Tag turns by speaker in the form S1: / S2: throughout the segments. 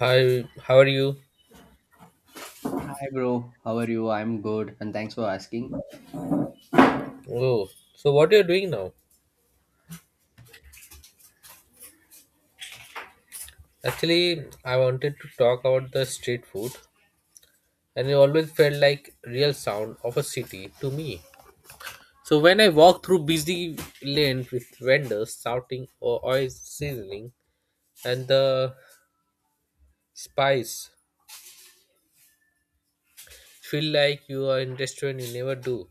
S1: Hi, how are you?
S2: Hi, bro. How are you? I'm good, and thanks for asking.
S1: Oh, so what are you doing now? Actually, I wanted to talk about the street food, and it always felt like real sound of a city to me. So when I walk through busy lanes with vendors shouting or oil sizzling, and the spice feel like you are in restaurant you never do.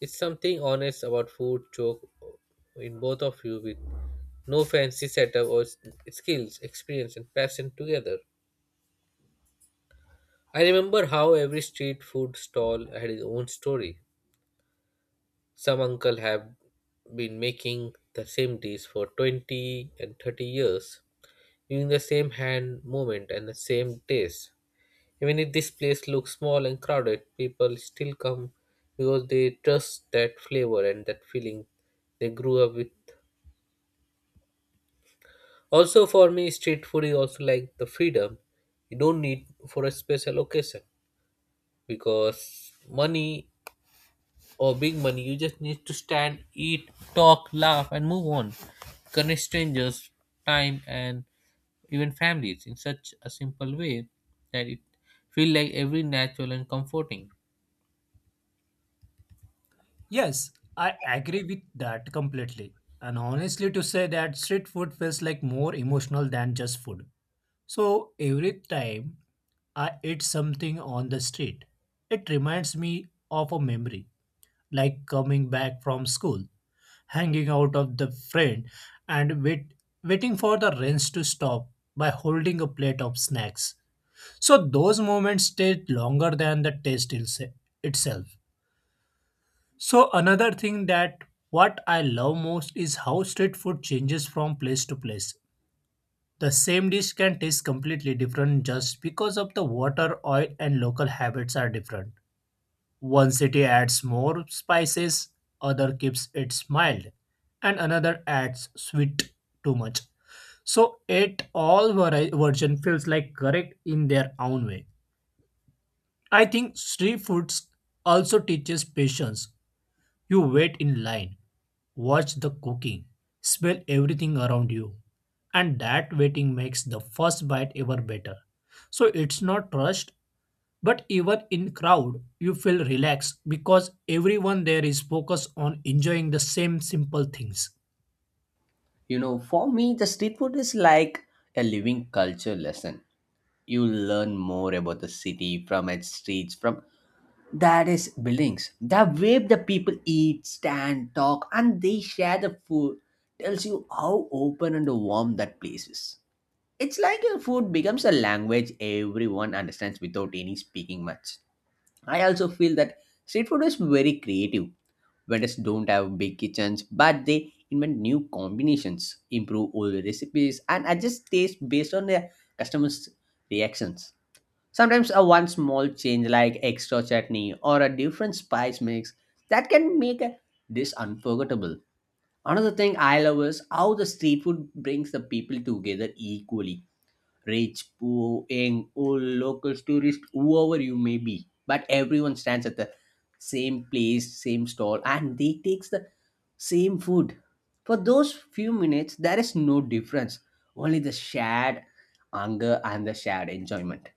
S1: It's something honest about food joke in both of you with no fancy setup or skills, experience, and passion together. I remember how every street food stall had its own story. Some uncle have been making the same dish for 20 and 30 years, using the same hand movement and the same taste. Even if this place looks small and crowded, people still come because they trust that flavor and that feeling they grew up with. Also, for me, street food is also like the freedom you don't need for a special occasion because money or big money. You just need to stand, eat, talk, laugh, and move on. Connect strangers, time, and even families in such a simple way that it feels like every natural and comforting.
S3: Yes, I agree with that completely. And honestly, to say that street food feels like more emotional than just food. So every time I eat something on the street, it reminds me of a memory, like coming back from school, hanging out of the friend, and waiting for the rains to stop by holding a plate of snacks. So those moments stay longer than the itself. So another thing that what I love most is how street food changes from place to place. The same dish can taste completely different just because of the water, oil and local habits are different. One city adds more spices, other keeps it mild, and another adds sweet too much. So it all version feels like correct in their own way. I think street foods also teaches patience. You wait in line, watch the cooking, smell everything around you, and that waiting makes the first bite ever better. So it's not rushed, but even in crowd, you feel relaxed because everyone there is focused on enjoying the same simple things.
S2: You know, for me, the street food is like a living culture lesson. You learn more about the city from its streets, from that is buildings. The way the people eat, stand, talk, and they share the food tells you how open and warm that place is. It's like your food becomes a language everyone understands without any speaking much. I also feel that street food is very creative. Vendors don't have big kitchens, but they invent new combinations, improve old recipes, and adjust taste based on their customers' reactions. Sometimes a one small change like extra chutney or a different spice mix that can make a dish unforgettable. Another thing I love is how the street food brings the people together equally: rich, poor, young, old, locals, tourists, whoever you may be. But everyone stands at the same place, same stall, and they takes the same food. For those few minutes, there is no difference. Only the shared hunger and the shared enjoyment.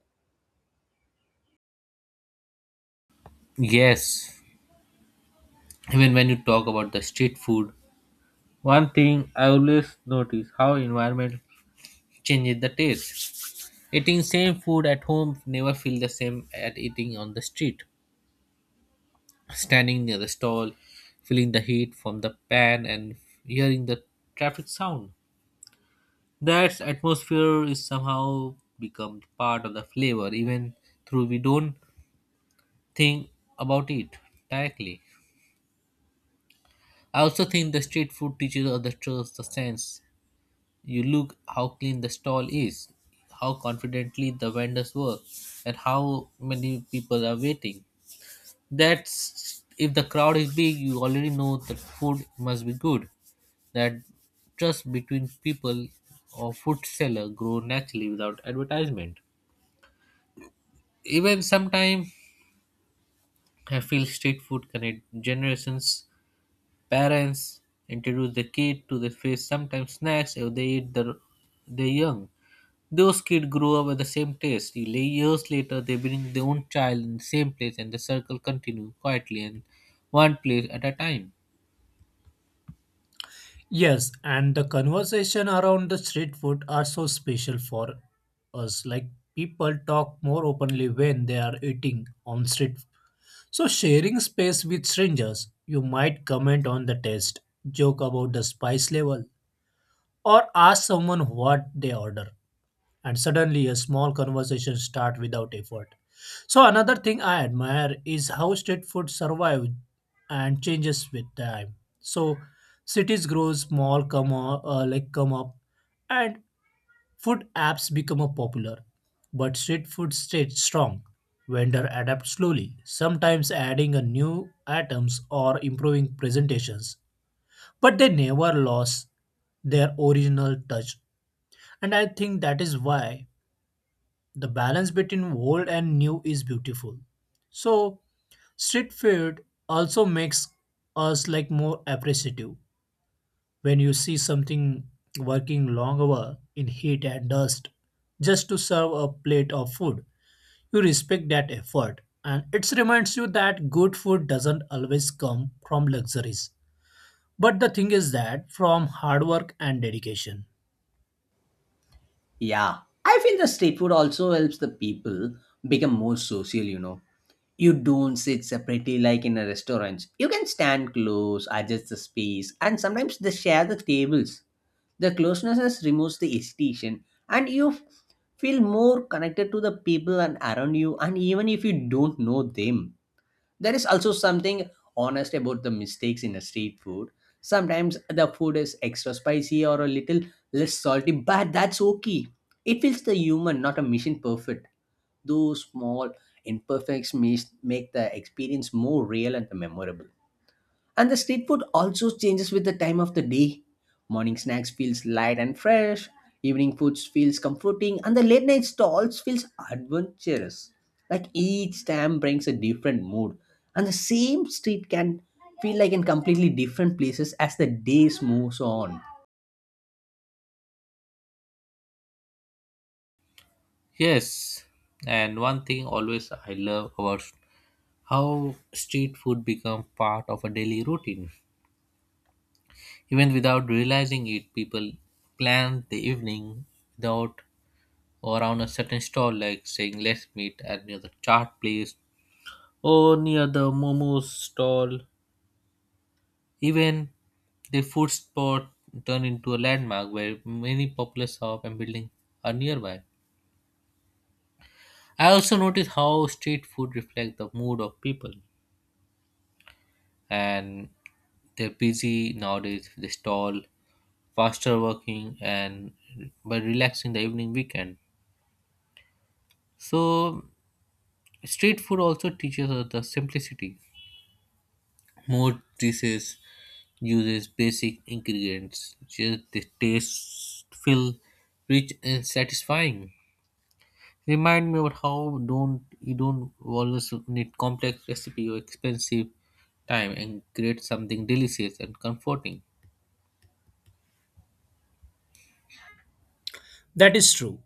S1: Yes, even when you talk about the street food, one thing I always notice how environment changes the taste. Eating same food at home never feel the same at eating on the street. Standing near the stall, feeling the heat from the pan and hearing the traffic sound. That atmosphere is somehow become part of the flavor, even though we don't think about it directly. I also think the street food teaches us the trust, the sense. You look how clean the stall is, how confidently the vendors work, and how many people are waiting. That's if the crowd is big, you already know that food must be good. That trust between people or food seller grow naturally without advertisement. Even sometimes I feel street food connect generations, parents introduce the kid to the face sometimes snacks if they eat the they young. Those kids grow up with the same taste. Years later they bring their own child in the same place and the circle continue quietly and one place at a time.
S3: Yes, and the conversation around the street food are so special for us. Like people talk more openly when they are eating on street. So, sharing space with strangers, you might comment on the taste, joke about the spice level, or ask someone what they order, and suddenly a small conversation starts without effort. So, another thing I admire is how street food survives and changes with time. So, cities grow small, come up, come up, and food apps become a popular, but street food stayed strong. Vendor adapt slowly, sometimes adding a new items or improving presentations, but they never lost their original touch. And I think that is why the balance between old and new is beautiful. So street food also makes us like more appreciative. When you see something working long hour in heat and dust just to serve a plate of food, you respect that effort, and it reminds you that good food doesn't always come from luxuries, but the thing is that from hard work and dedication.
S2: Yeah, I feel the street food also helps the people become more social. You know, you don't sit separately like in a restaurant. You can stand close, adjust the space, and sometimes they share the tables. The closeness removes the hesitation, and you feel more connected to the people and around you, and even if you don't know them. There is also something honest about the mistakes in a street food. Sometimes the food is extra spicy or a little less salty, but that's okay. It feels the human, not a machine perfect. Those small imperfections make the experience more real and memorable. And the street food also changes with the time of the day. Morning snacks feels light and fresh, evening foods feels comforting, and the late night stalls feels adventurous. Like each time brings a different mood, and the same street can feel like in completely different places as the days moves on.
S1: Yes, and one thing always I love about how street food become part of a daily routine. Even without realizing it, people plan the evening without or around a certain stall, like saying, let's meet at near the chaat place or near the momo stall. Even the food spot turned into a landmark where many popular shops and buildings are nearby. I also notice how street food reflects the mood of people and they're busy nowadays the stall faster working and by relaxing the evening weekend. So street food also teaches us the simplicity. More dishes uses basic ingredients. Just the taste feel rich and satisfying. Remind me about how don't you don't always need complex recipe or expensive time and create something delicious and comforting.
S3: That is true.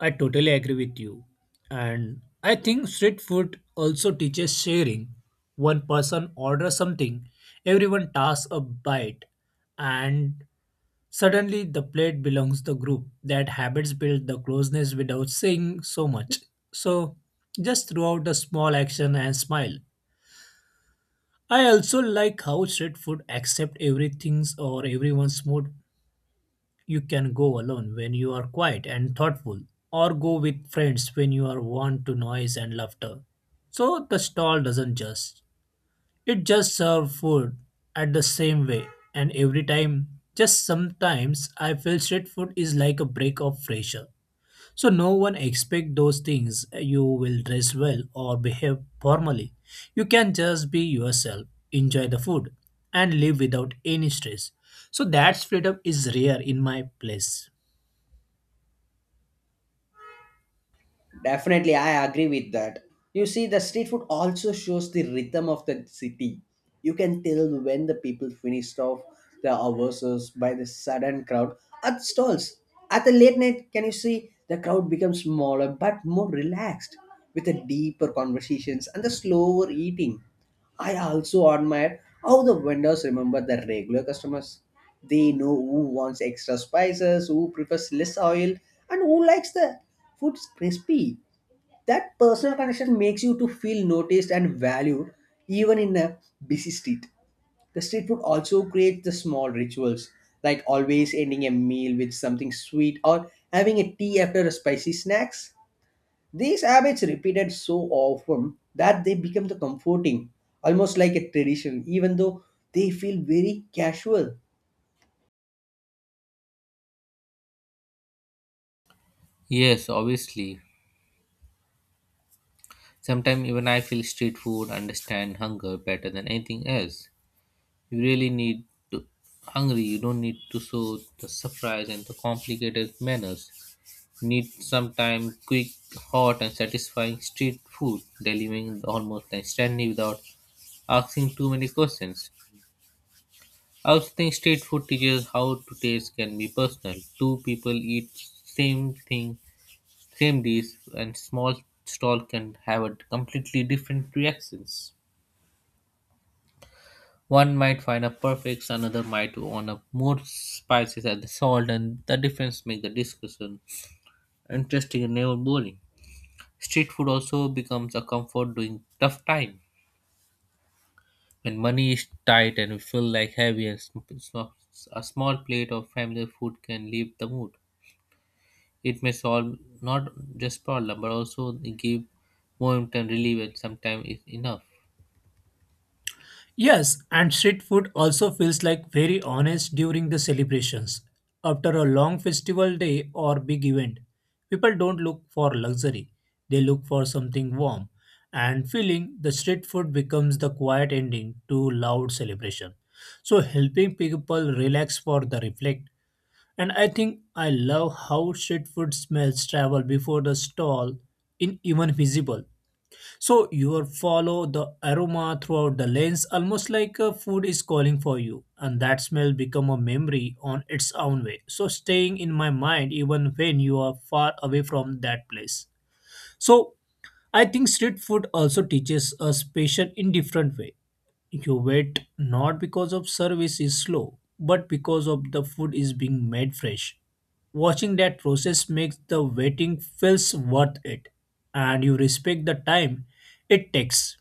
S3: I totally agree with you, and I think street food also teaches sharing. One person orders something, everyone tasks a bite, and suddenly, the plate belongs the group. That habits build the closeness without saying so much. So, just throughout the small action and smile. I also like how street food accept everything's or everyone's mood. You can go alone when you are quiet and thoughtful, or go with friends when you are want to noise and laughter. So the stall doesn't judge. It just served food at the same way and every time. Just sometimes I feel street food is like a break of fresh air. So no one expect those things you will dress well or behave formally. You can just be yourself, enjoy the food and live without any stress. So that freedom is rare in my place.
S2: Definitely, I agree with that. You see, the street food also shows the rhythm of the city. You can tell when the people finished off their hours by the sudden crowd at stalls. At the late night, can you see the crowd becomes smaller but more relaxed with the deeper conversations and the slower eating. I also admire how the vendors remember the regular customers. They know who wants extra spices, who prefers less oil, and who likes the food crispy. That personal connection makes you to feel noticed and valued even in a busy street. The street food also creates the small rituals, like always ending a meal with something sweet or having a tea after a spicy snacks. These habits repeated so often that they become the comforting, almost like a tradition, even though they feel very casual.
S1: Yes, obviously. Sometimes even I feel street food understand hunger better than anything else. You really need to hungry. You don't need to show the surprise and the complicated manners. You need sometime quick, hot, and satisfying street food, delivering almost instantly without asking too many questions. I also think street food teaches how to taste can be personal. Two people eat same thing, same dish, and small stall can have a completely different reactions. One might find a perfect, another might want a more spices and salt, and the difference make the discussion interesting and never boring. Street food also becomes a comfort during tough time when money is tight and you feel like heavy. And sm- it's not- A small plate of family food can lift the mood. It may solve not just problem but also give moment and relief, and sometimes it's enough.
S3: Yes, and street food also feels like very honest during the celebrations. After a long festival day or big event, people don't look for luxury. They look for something warm and feeling the street food becomes the quiet ending to loud celebration. So helping people relax for the reflect. And I think I love how street food smells travel before the stall in even visible. So you are follow the aroma throughout the lens, almost like a food is calling for you, and that smell become a memory on its own way. So staying in my mind even when you are far away from that place. So I think street food also teaches us patience in different way. You wait not because of service is slow, but because of the food is being made fresh. Watching that process makes the waiting feels worth it, and you respect the time it takes.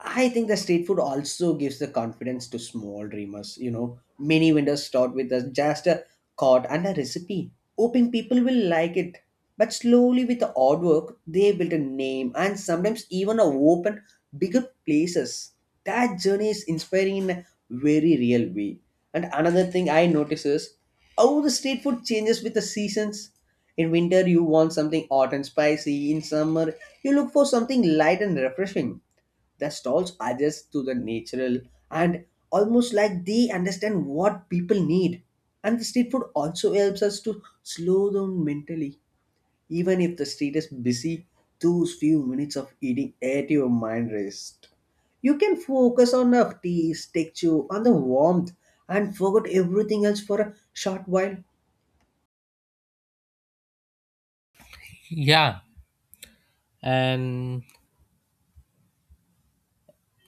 S2: I think the street food also gives the confidence to small dreamers. You know, many vendors start with just a cart and a recipe, hoping people will like it. But slowly, with the hard work, they build a name and sometimes even a open bigger places. That journey is inspiring in a very real way. And another thing I notice is how the street food changes with the seasons. In winter, you want something hot and spicy. In summer, you look for something light and refreshing. The stalls adjust to the natural and almost like they understand what people need. And the street food also helps us to slow down mentally. Even if the street is busy, those few minutes of eating at your mind rest. You can focus on the taste, texture, on the warmth, and forget everything else for a short while.
S1: Yeah, and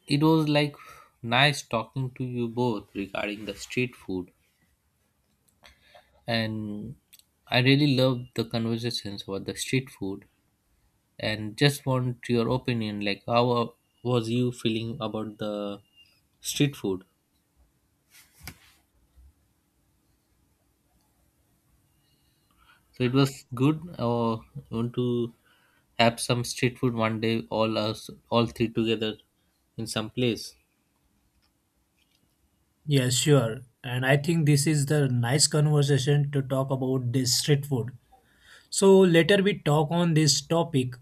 S1: it was like nice talking to you both regarding the street food, and I really loved the conversations about the street food. And just want your opinion, like how was you feeling about the street food? So it was good, or want to have some street food one day, all us, all three together in some place.
S3: Yeah, sure. And I think this is the nice conversation to talk about this street food. So later we talk on this topic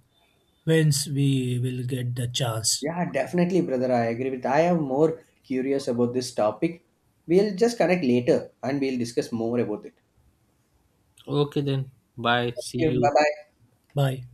S3: once we will get the chance.
S2: Yeah, definitely, brother. I agree with. I am more curious about this topic. We'll just connect later and we'll discuss more about it.
S1: Okay then, bye.
S2: Thank
S1: See
S2: you.
S1: you.
S2: Bye bye.
S3: Bye.